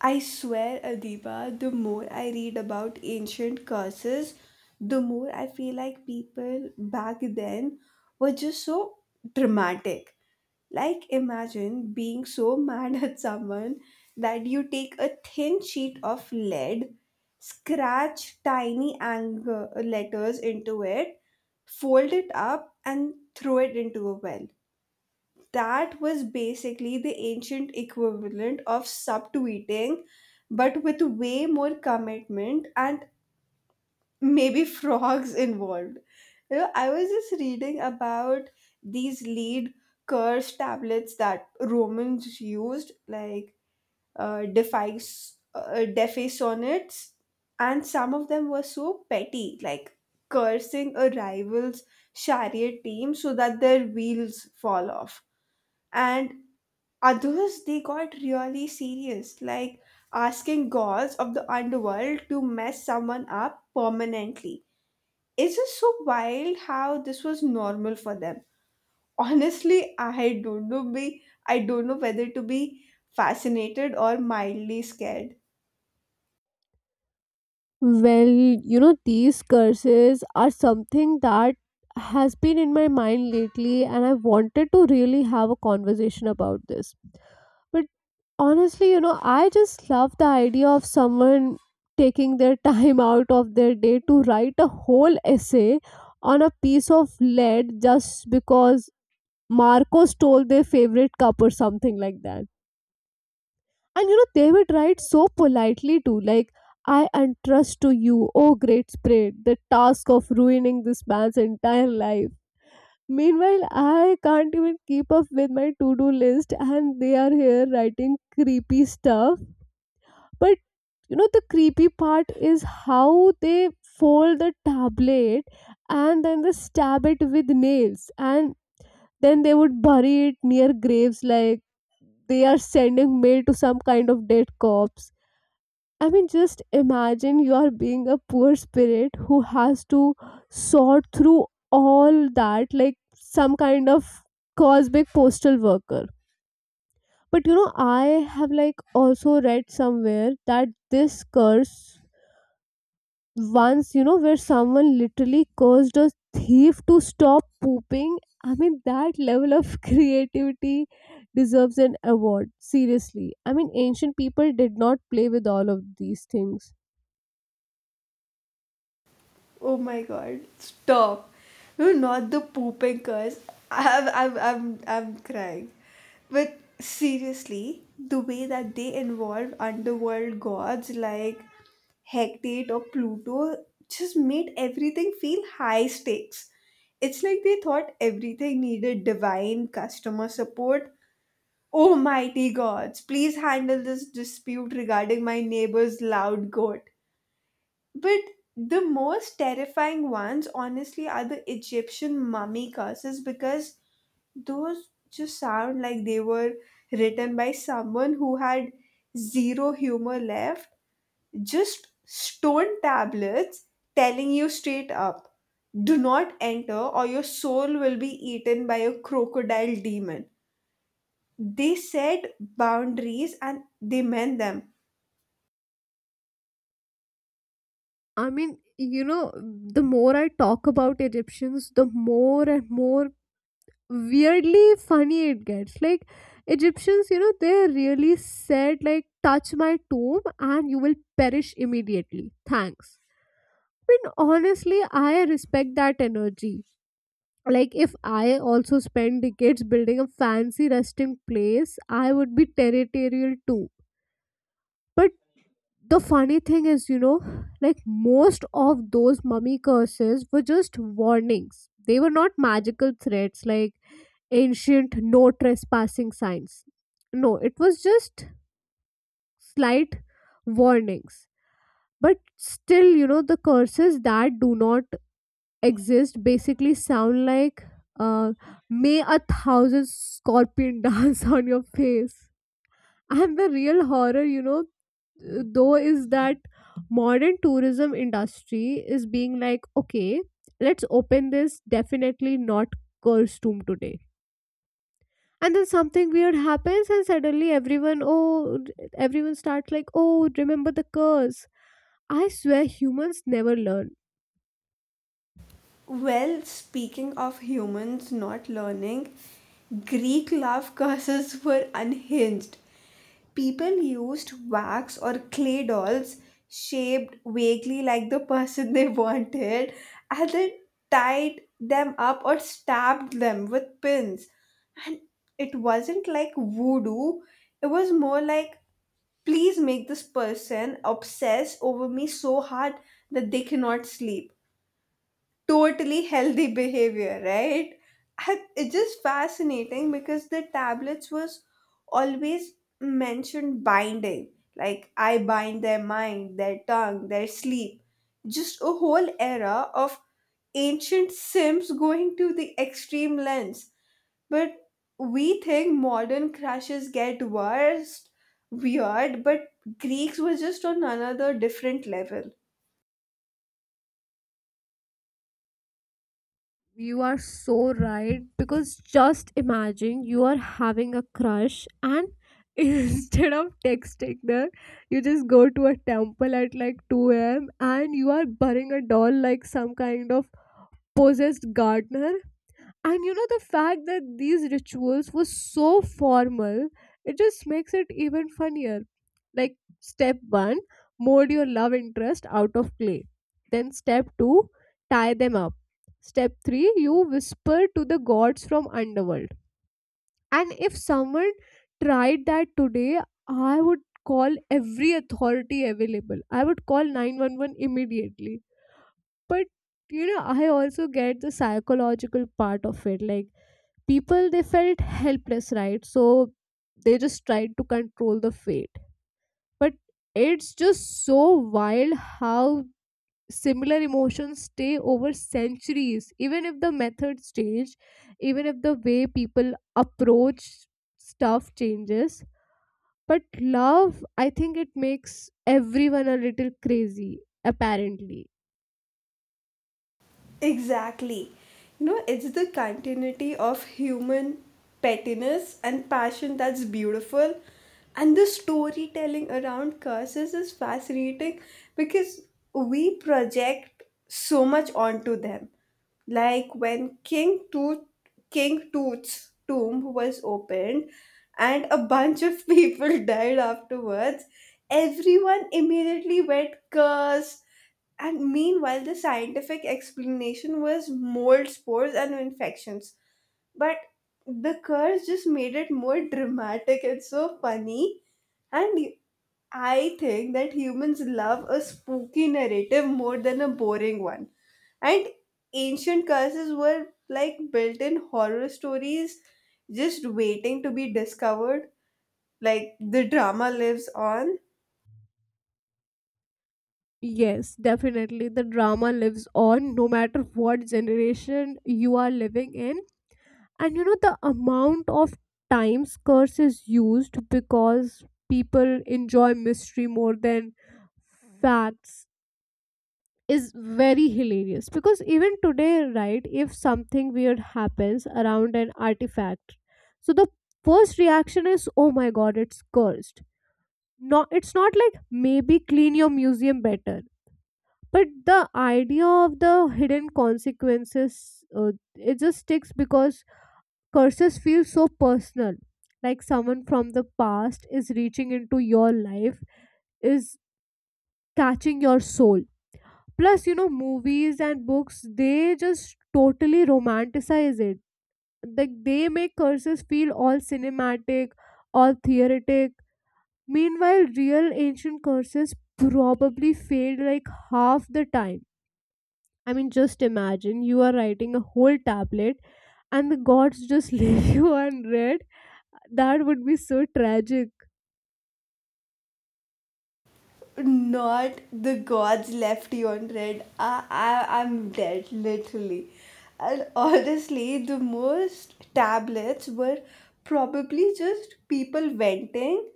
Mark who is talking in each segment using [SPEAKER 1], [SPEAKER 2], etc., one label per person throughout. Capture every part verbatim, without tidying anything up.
[SPEAKER 1] I swear, Adiba, the more I read about ancient curses, the more I feel like people back then were just so dramatic. Like, imagine being so mad at someone that you take a thin sheet of lead, scratch tiny anger letters into it, fold it up, and throw it into a well that was basically the ancient equivalent of sub tweeting, but with way more commitment and maybe frogs involved. You know, I was just reading about these lead curse tablets that Romans used, like uh, defies, uh, defe sonnets, and some of them were so petty, like cursing a rival's chariot team so that their wheels fall off. And others, they got really serious, like asking gods of the underworld to mess someone up permanently. It's just so wild how this was normal for them. Honestly, I don't know be I don't know whether to be fascinated or mildly scared.
[SPEAKER 2] Well, you know, these curses are something that has been in my mind lately, and I wanted to really have a conversation about this. But honestly, you know, I just love the idea of someone taking their time out of their day to write a whole essay on a piece of lead just because Marco stole their favorite cup or something like that. And you know, they would write so politely too, like, I entrust to you, oh great spirit, the task of ruining this man's entire life. Meanwhile, I can't even keep up with my to do list, and they are here writing creepy stuff. But you know, the creepy part is how they fold the tablet and then they stab it with nails, and then they would bury it near graves like they are sending mail to some kind of dead corpse. I mean, just imagine you are being a poor spirit who has to sort through all that, like some kind of cosmic postal worker. But you know, I have like also read somewhere that this curse once, you know, where someone literally cursed a thief to stop pooping. I mean, that level of creativity deserves an award. Seriously. I mean, ancient people did not play with all of these things.
[SPEAKER 1] Oh my god, stop. No, not the pooping curse. I'm, I'm, I'm, I'm crying. But seriously, the way that they involve underworld gods like Hecate or Pluto just made everything feel high stakes. It's like they thought everything needed divine customer support. Oh mighty gods, please handle this dispute regarding my neighbor's loud goat. But the most terrifying ones, honestly, are the Egyptian mummy curses because those just sound like they were written by someone who had zero humor left. Just stone tablets telling you straight up, do not enter or your soul will be eaten by a crocodile demon. They said boundaries and they meant them.
[SPEAKER 2] I mean, you know, the more I talk about Egyptians, the more and more weirdly funny it gets. Like, Egyptians, you know, they really said, like, touch my tomb and you will perish immediately. Thanks. I mean, honestly, I respect that energy. Like, if I also spend decades building a fancy resting place, I would be territorial too. But the funny thing is, you know, like most of those mummy curses were just warnings. They were not magical threats, like ancient no trespassing signs. No, it was just slight warnings. But still, you know, the curses that do not exist basically sound like uh, may a thousand scorpion dance on your face. And the real horror, you know, though, is that modern tourism industry is being like, okay, let's open this definitely not cursed tomb today, and then something weird happens and suddenly everyone, oh, everyone starts like, oh, remember the curse. I swear humans never learn.
[SPEAKER 1] Well, speaking of humans not learning, Greek love curses were unhinged. People used wax or clay dolls shaped vaguely like the person they wanted and then tied them up or stabbed them with pins. And it wasn't like voodoo, it was more like, please make this person obsess over me so hard that they cannot sleep. Totally healthy behavior, right? I- It's just fascinating because the tablets was always mentioned binding. Like I bind their mind, their tongue, their sleep. Just a whole era of ancient sims going to the extreme lengths. But we think modern crushes get worse, weird, but Greeks were just on another different level.
[SPEAKER 2] You are so right, because just imagine you are having a crush and instead of texting her, you just go to a temple at like two a m and you are burning a doll like some kind of possessed gardener. And you know, the fact that these rituals were so formal, it just makes it even funnier. Like, step one, mold your love interest out of clay. Then, step two, tie them up. Step three, you whisper to the gods from underworld. And if someone tried that today, I would call every authority available. I would call nine one one immediately. But you know, I also get the psychological part of it. Like, people they felt helpless, right, so they just tried to control the fate, but it's just so wild how similar emotions stay over centuries, even if the methods change, even if the way people approach stuff changes, but love, I think it makes everyone a little crazy, apparently.
[SPEAKER 1] Exactly. You know, it's the continuity of human pettiness and passion that's beautiful. And the storytelling around curses is fascinating because we project so much onto them. Like when King Tooth King Tooth's tomb was opened and a bunch of people died afterwards, everyone immediately went curse, and meanwhile, the scientific explanation was mold spores and infections. But the curse just made it more dramatic and so funny. And I think that humans love a spooky narrative more than a boring one. And ancient curses were like built in horror stories just waiting to be discovered. Like the drama lives on.
[SPEAKER 2] Yes, definitely. The drama lives on no matter what generation you are living in. And you know the amount of times curse is used because people enjoy mystery more than facts is very hilarious, because even today, right, if something weird happens around an artifact, so the first reaction is, oh my god, it's cursed. No, it's not, like, maybe clean your museum better. But the idea of the hidden consequences, uh, it just sticks, because curses feel so personal, like someone from the past is reaching into your life, is catching your soul. Plus you know movies and books, they just totally romanticize it, like they make curses feel all cinematic, all theoretic. Meanwhile real ancient curses probably failed like half the time. I mean, just imagine you are writing a whole tablet and the gods just leave you unread. That would be so tragic.
[SPEAKER 1] Not the gods left you on red. I, I, I'm dead, literally. And honestly, the most tablets were probably just people venting,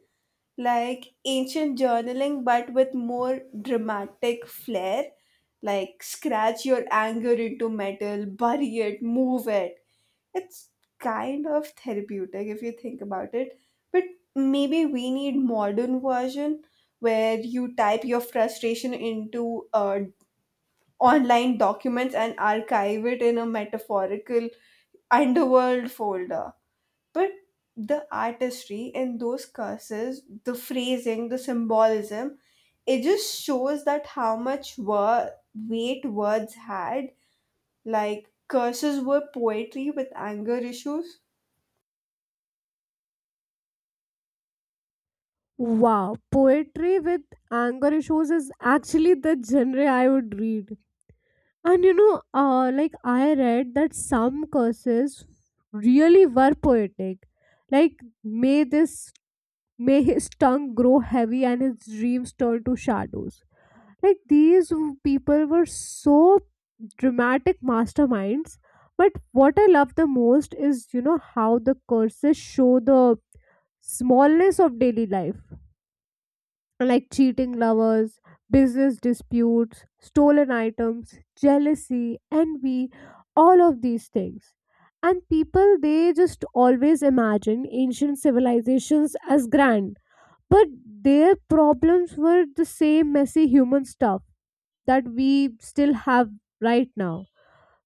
[SPEAKER 1] like ancient journaling but with more dramatic flair. Like scratch your anger into metal, bury it, move it. It's kind of therapeutic if you think about it. But maybe we need modern version where you type your frustration into uh, online documents and archive it in a metaphorical underworld folder. But the artistry in those curses, the phrasing, the symbolism, it just shows that how much wor- weight words had. Like curses were poetry with anger issues.
[SPEAKER 2] Wow, poetry with anger issues is actually the genre I would read. And you know, uh, like I read that some curses really were poetic. Like, may this, may his tongue grow heavy and his dreams turn to shadows. Like these w- people were so dramatic masterminds. But what I love the most is, you know, how the curses show the smallness of daily life, like cheating lovers, business disputes, stolen items, jealousy, envy, all of these things. And people, they just always imagine ancient civilizations as grand, but their problems were the same messy human stuff that we still have right now.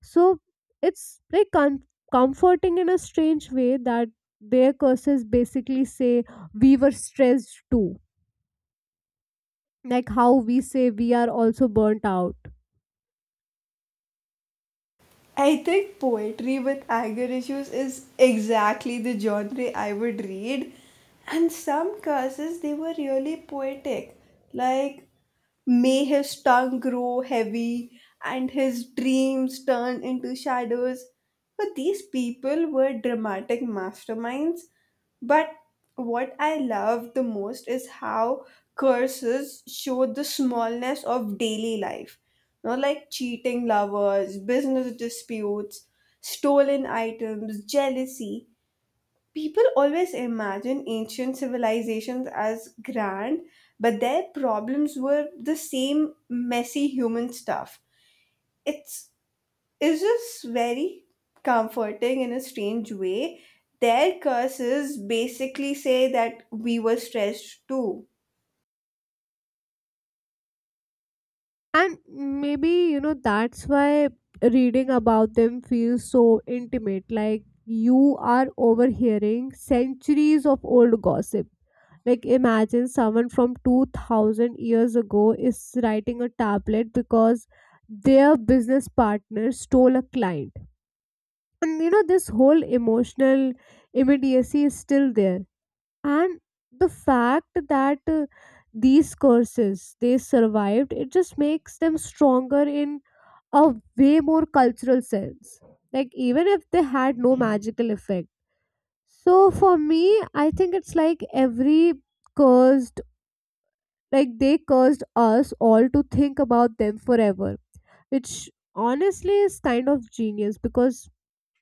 [SPEAKER 2] So it's like com- comforting in a strange way that their curses basically say we were stressed too, like how we say we are also burnt out.
[SPEAKER 1] I think poetry with anger issues is exactly the genre I would read. And some curses, they were really poetic. Like, may his tongue grow heavy and his dreams turn into shadows. But these people were dramatic masterminds. But what I love the most is how curses show the smallness of daily life. You know, like cheating lovers, business disputes, stolen items, jealousy. People always imagine ancient civilizations as grand, but their problems were the same messy human stuff. It's, it's just very comforting in a strange way. Their curses basically say that we were stressed too.
[SPEAKER 2] And maybe you know that's why reading about them feels so intimate, like you are overhearing centuries of old gossip. Like imagine someone from two thousand years ago is writing a tablet because their business partner stole a client. And you know, this whole emotional immediacy is still there. And the fact that uh, these curses they survived, it just makes them stronger in a way more cultural sense. Like even if they had no magical effect. So for me, I think it's like every curse, like they cursed us all to think about them forever, which honestly is kind of genius because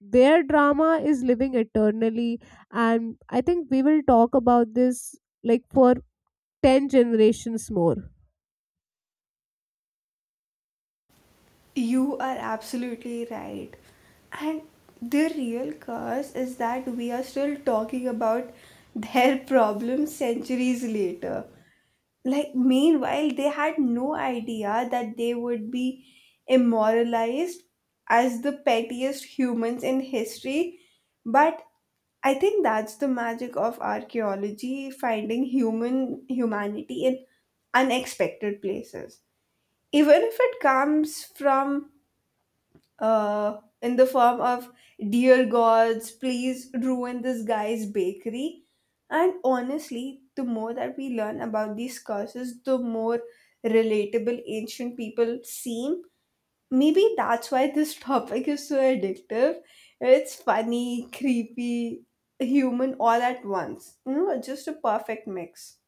[SPEAKER 2] their drama is living eternally. And I think we will talk about this like for ten generations more.
[SPEAKER 1] You are absolutely right. And the real curse is that we are still talking about their problems centuries later. Like meanwhile they had no idea that they would be immortalized as the pettiest humans in history. But I think that's the magic of archaeology, finding human humanity in unexpected places, even if it comes from uh, in the form of dear gods please ruin this guy's bakery. And honestly the more that we learn about these curses, the more relatable ancient people seem. Maybe that's why this topic is so addictive. It's funny, creepy, human all at once, you know, just a perfect mix.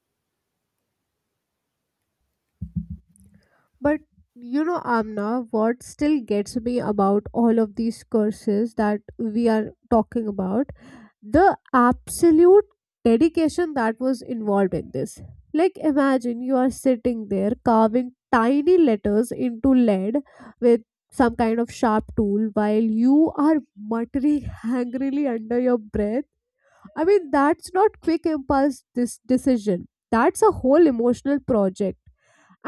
[SPEAKER 2] But you know, Amna, what still gets me about all of these curses that we are talking about, the absolute dedication that was involved in this, like imagine you are sitting there carving tiny letters into lead with some kind of sharp tool while you are muttering angrily under your breath. I mean, that's not quick impulse this decision, that's a whole emotional project.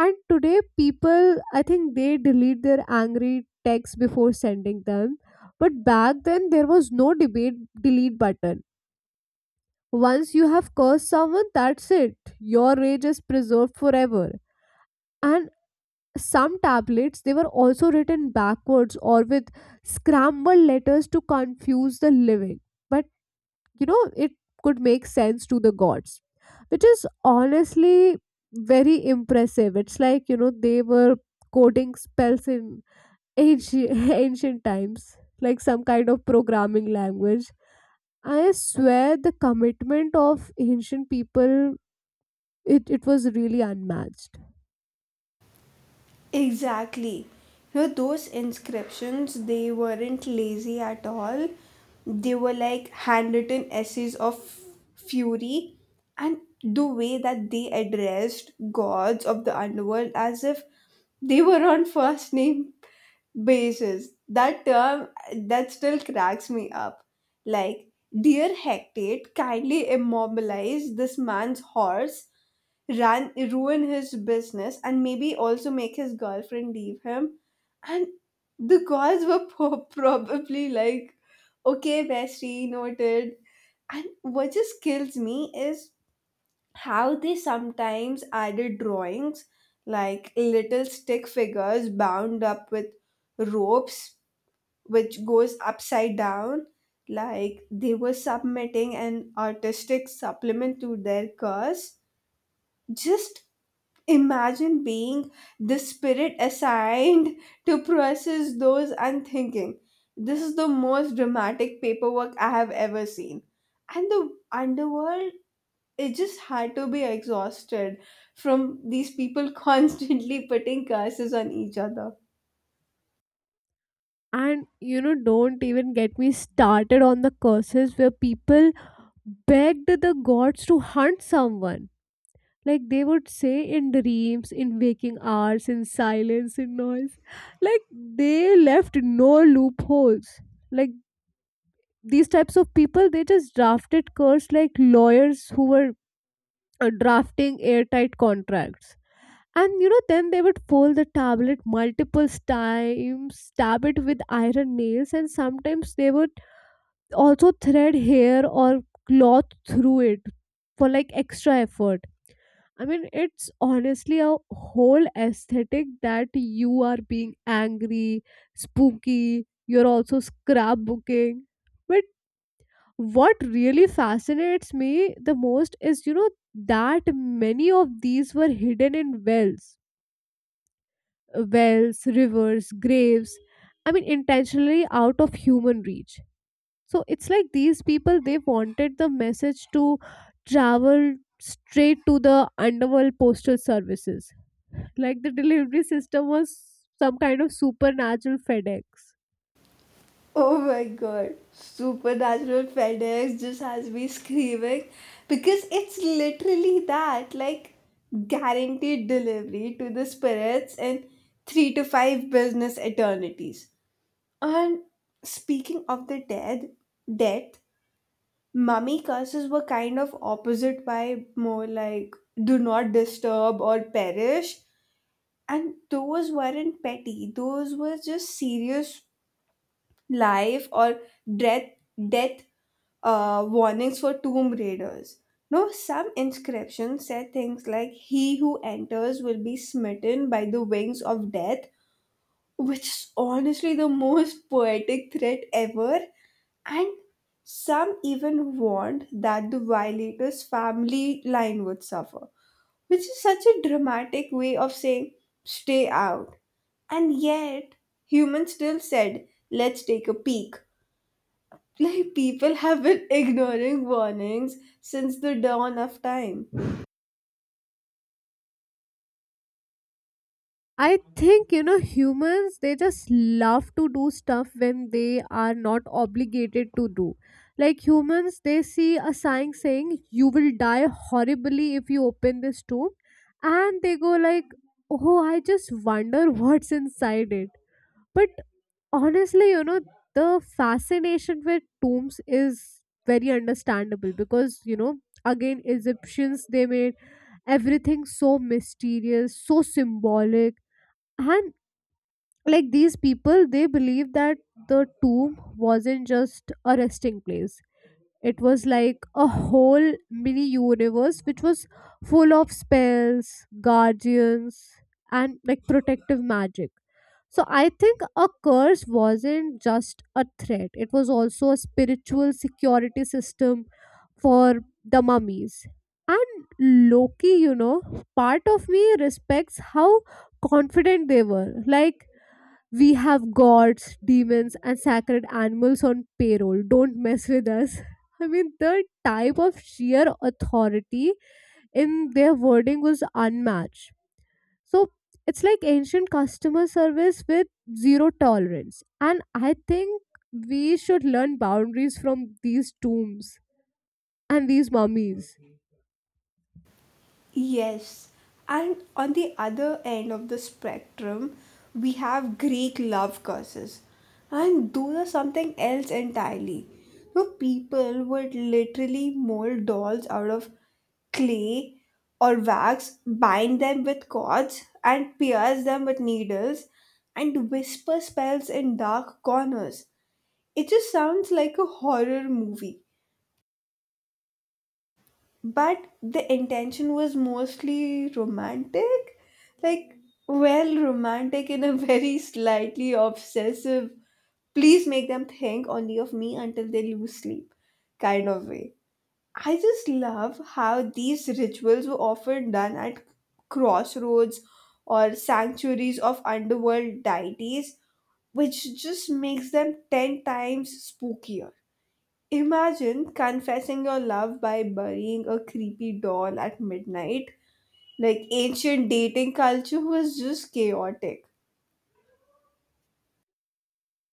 [SPEAKER 2] And today people, I think they delete their angry texts before sending them, but back then there was no debate delete button. Once you have cursed someone, that's it. Your rage is preserved forever. And some tablets they were also written backwards or with scrambled letters to confuse the living. But you know, it could make sense to the gods, which is honestly very impressive. It's like you know, they were coding spells in ancient, ancient times, like some kind of programming language. I swear the commitment of ancient people, it, it was really unmatched.
[SPEAKER 1] Exactly. You know, those inscriptions, they weren't lazy at all. They were like handwritten essays of fury, and the way that they addressed gods of the underworld as if they were on first name basis. That term that still cracks me up. Like, dear Hecate, kindly immobilize this man's horse, ran ruin his business and maybe also make his girlfriend leave him. And the girls were po- probably like, okay bestie, noted. And what just kills me is how they sometimes added drawings like little stick figures bound up with ropes which goes upside down, like they were submitting an artistic supplement to their curse. Just imagine being the spirit assigned to process those unthinking. This is the most dramatic paperwork I have ever seen. And the underworld, it just had to be exhausted from these people constantly putting curses on each other.
[SPEAKER 2] And you know, don't even get me started on the curses where people begged the gods to hunt someone. Like they would say in dreams, in waking hours, in silence, in noise, like they left no loopholes. Like these types of people they just drafted curse like lawyers who were uh, drafting airtight contracts. And you know then they would fold the tablet multiple times, stab it with iron nails, and sometimes they would also thread hair or cloth through it for like extra effort. I mean, it's honestly a whole aesthetic, that you are being angry, spooky, you're also scrapbooking. But what really fascinates me the most is, you know, that many of these were hidden in wells, uh, wells, rivers, graves. I mean, intentionally out of human reach. So it's like these people, they wanted the message to travel straight to the underworld postal services. Like the delivery system was some kind of supernatural FedEx.
[SPEAKER 1] Oh my god, Supernatural FedEx just has me screaming because it's literally that, like guaranteed delivery to the spirits in three to five business eternities. And speaking of the dead, death, mummy curses were kind of opposite vibe, more like do not disturb or perish. And those weren't petty, those were just serious life or death death uh, warnings for tomb raiders. No, some inscriptions said things like "He who enters will be smitten by the wings of death," which is honestly the most poetic threat ever. And some even warned that the violator's family line would suffer, which is such a dramatic way of saying "Stay out." And yet, humans still said, "Let's take a peek." Like people have been ignoring warnings since the dawn of time.
[SPEAKER 2] I think you know humans they just love to do stuff when they are not obligated to do. Like humans they see a sign saying you will die horribly if you open this tomb, and they go like, oh, I just wonder what's inside it. But honestly you know the fascination with tombs is very understandable, because you know, again, Egyptians they made everything so mysterious, so symbolic. And like these people they believe that the tomb wasn't just a resting place, it was like a whole mini universe which was full of spells, guardians, and like protective magic. So I think a curse wasn't just a threat, it was also a spiritual security system for the mummies. And loki you know part of me respects how confident they were. Like, we have gods, demons, and sacred animals on payroll. Don't mess with us. I mean, the type of sheer authority in their wording was unmatched. So it's like ancient customer service with zero tolerance. And I think we should learn boundaries from these tombs and these mummies.
[SPEAKER 1] Yes, and on the other end of the spectrum, we have Greek love curses, and those are something else entirely. So people would literally mold dolls out of clay or wax, bind them with cords, and pierce them with needles, and whisper spells in dark corners. It just sounds like a horror movie, but the intention was mostly romantic. Like, well, romantic in a very slightly obsessive, please make them think only of me until they lose sleep kind of way. I just love how these rituals were often done at crossroads or sanctuaries of underworld deities, which just makes them ten times spookier. Imagine confessing your love by burying a creepy doll at midnight. Like ancient dating culture was just chaotic.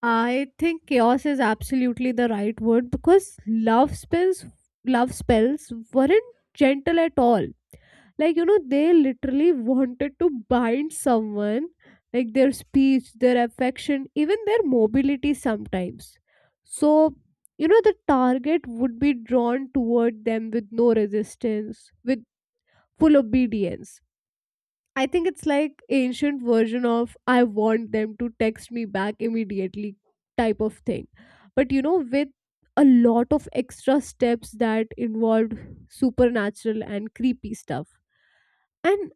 [SPEAKER 2] I think chaos is absolutely the right word, because love spells love spells weren't gentle at all. like you know they literally wanted to bind someone, like their speech, their affection, even their mobility sometimes. So you know, the target would be drawn toward them with no resistance, with full obedience. I think it's like ancient version of I want them to text me back immediately type of thing. But you know, with a lot of extra steps that involved supernatural and creepy stuff. And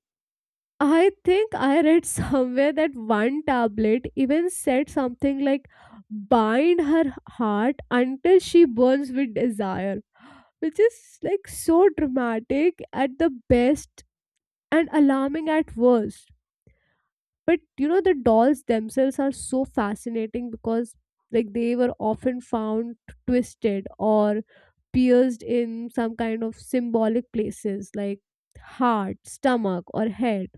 [SPEAKER 2] I think I read somewhere that one tablet even said something like bind her heart until she burns with desire, which is like so dramatic at the best and alarming at worst. But you know, the dolls themselves are so fascinating because like they were often found twisted or pierced in some kind of symbolic places like heart, stomach, or head.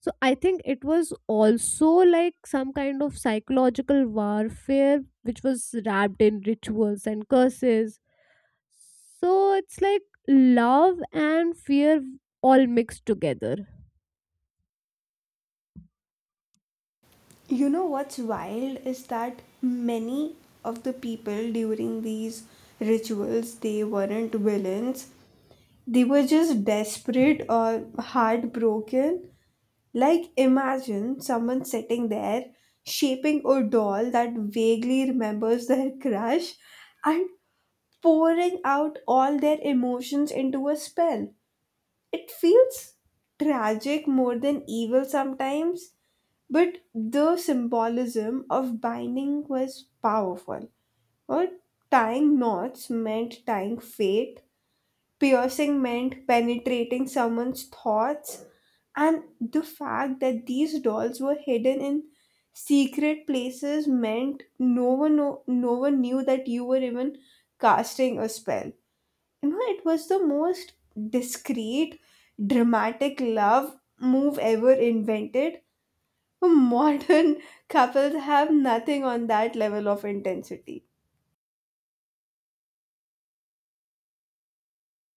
[SPEAKER 2] So I think it was also like some kind of psychological warfare which was wrapped in rituals and curses. So it's like love and fear all mixed together.
[SPEAKER 1] You know what's wild is that many of the people during these rituals, they weren't villains. They were just desperate or heartbroken. Like imagine someone sitting there shaping a doll that vaguely remembers their crush and pouring out all their emotions into a spell. It feels tragic more than evil sometimes, but the symbolism of binding was powerful. Or tying knots meant tying fate, piercing meant penetrating someone's thoughts, and the fact that these dolls were hidden in secret places meant no one no, no one knew that you were even casting a spell. You know, it was the most discreet, dramatic love move ever invented. Modern couples have nothing on that level of intensity.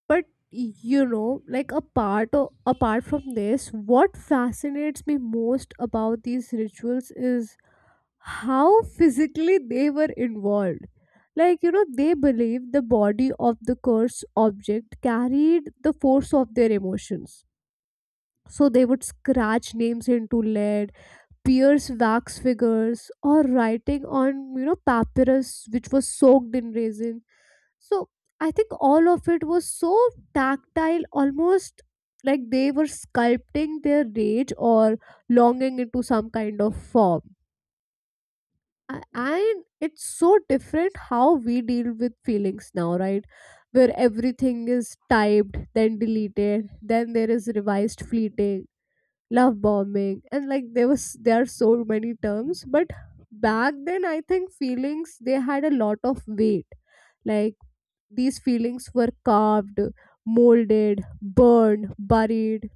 [SPEAKER 2] But you know, like apart o- apart from this, what fascinates me most about these rituals is how physically they were involved. Like, you know, they believed the body of the cursed object carried the force of their emotions. So they would scratch names into lead, pierce wax figures, or writing on, you know, papyrus which was soaked in resin. So I think all of it was so tactile, almost like they were sculpting their rage or longing into some kind of form a- and it's so different how we deal with feelings now, right, where everything is typed, then deleted, then there is revised, fleeting, love bombing, and like there was there are so many terms. But back then I think feelings, they had a lot of weight. Like these feelings were carved, molded, burned, buried,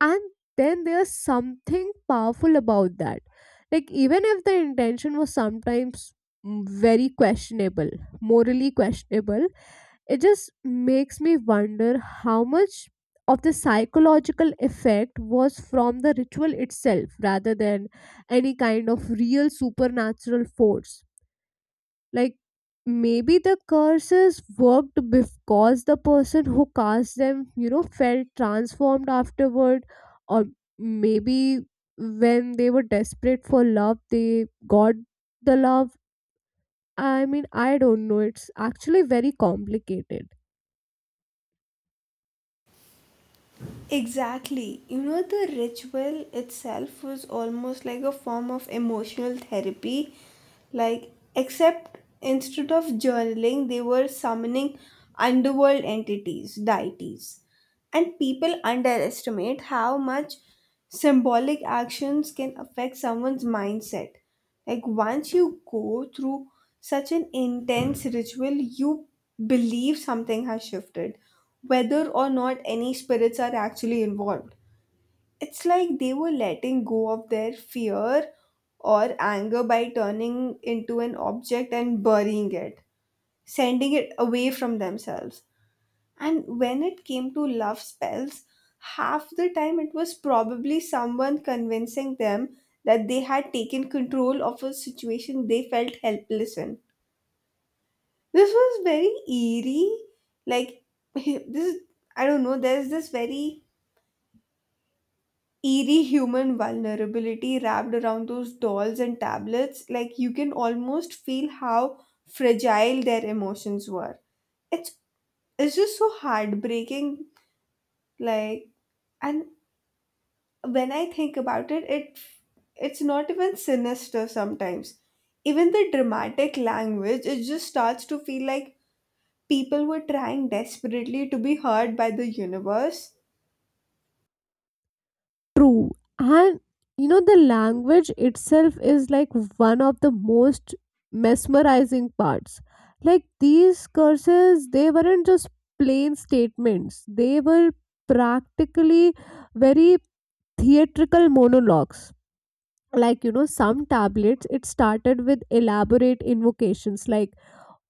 [SPEAKER 2] and then there's something powerful about that. Like even if the intention was sometimes mm, very questionable, morally questionable, it just makes me wonder how much of the psychological effect was from the ritual itself rather than any kind of real supernatural force. Like maybe the curses worked because the person who cast them, you know, felt transformed afterward. Or maybe when they were desperate for love, they got the love. I mean, I don't know, it's actually very complicated.
[SPEAKER 1] Exactly. You know, the ritual itself was almost like a form of emotional therapy, like except instead of journaling they were summoning underworld entities, deities. And people underestimate how much symbolic actions can affect someone's mindset. Like, once you go through such an intense ritual, you believe something has shifted, whether or not any spirits are actually involved. It's like they were letting go of their fear or anger by turning into an object and burying it, sending it away from themselves. And when it came to love spells, half the time it was probably someone convincing them that they had taken control of a situation they felt helpless in. This was very eerie. Like, this, I don't know, there's this very eerie human vulnerability wrapped around those dolls and tablets. Like, you can almost feel how fragile their emotions were. It's, it's just so heartbreaking. Like, and when I think about it, it it's not even sinister sometimes. Even the dramatic language, it just starts to feel like people were trying desperately to be heard by the universe.
[SPEAKER 2] True. And you know, the language itself is like one of the most mesmerizing parts. Like these curses, they weren't just plain statements, they were practically very theatrical monologues. Like, you know, some tablets, it started with elaborate invocations like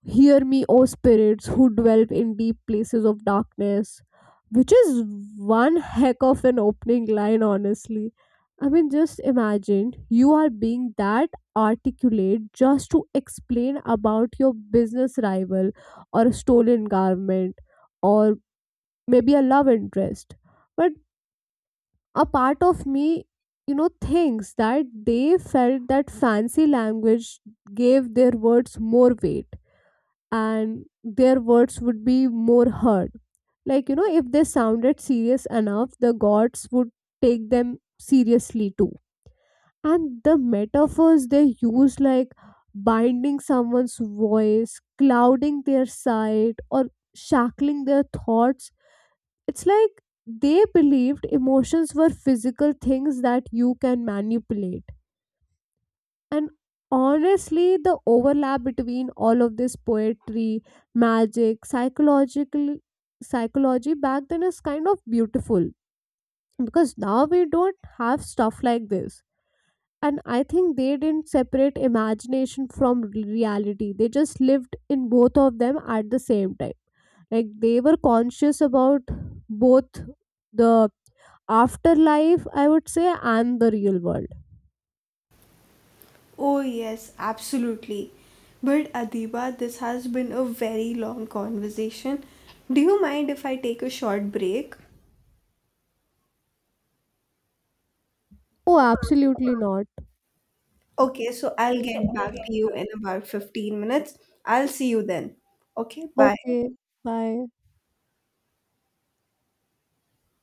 [SPEAKER 2] hear me, O spirits who dwell in deep places of darkness, which is one heck of an opening line, honestly. I mean, just imagine you are being that articulate just to explain about your business rival or a stolen garment or maybe a love interest. But a part of me, you know, thinks that they felt that fancy language gave their words more weight and their words would be more heard. Like, you know, if they sounded serious enough, the gods would take them seriously too. And the metaphors they use, like binding someone's voice, clouding their sight, or shackling their thoughts, it's like they believed emotions were physical things that you can manipulate. And honestly, the overlap between all of this poetry, magic, psychological psychology back then is kind of beautiful because now we don't have stuff like this. And I think they didn't separate imagination from reality. They just lived in both of them at the same time. Like they were conscious about both the afterlife, I would say, and the real world.
[SPEAKER 1] Oh yes, absolutely. But Adiba, this has been a very long conversation. Do you mind if I take a short break?
[SPEAKER 2] Oh, absolutely not.
[SPEAKER 1] Okay, so I'll get back to you in about fifteen minutes. I'll see you then. Okay, bye.
[SPEAKER 2] Okay, bye.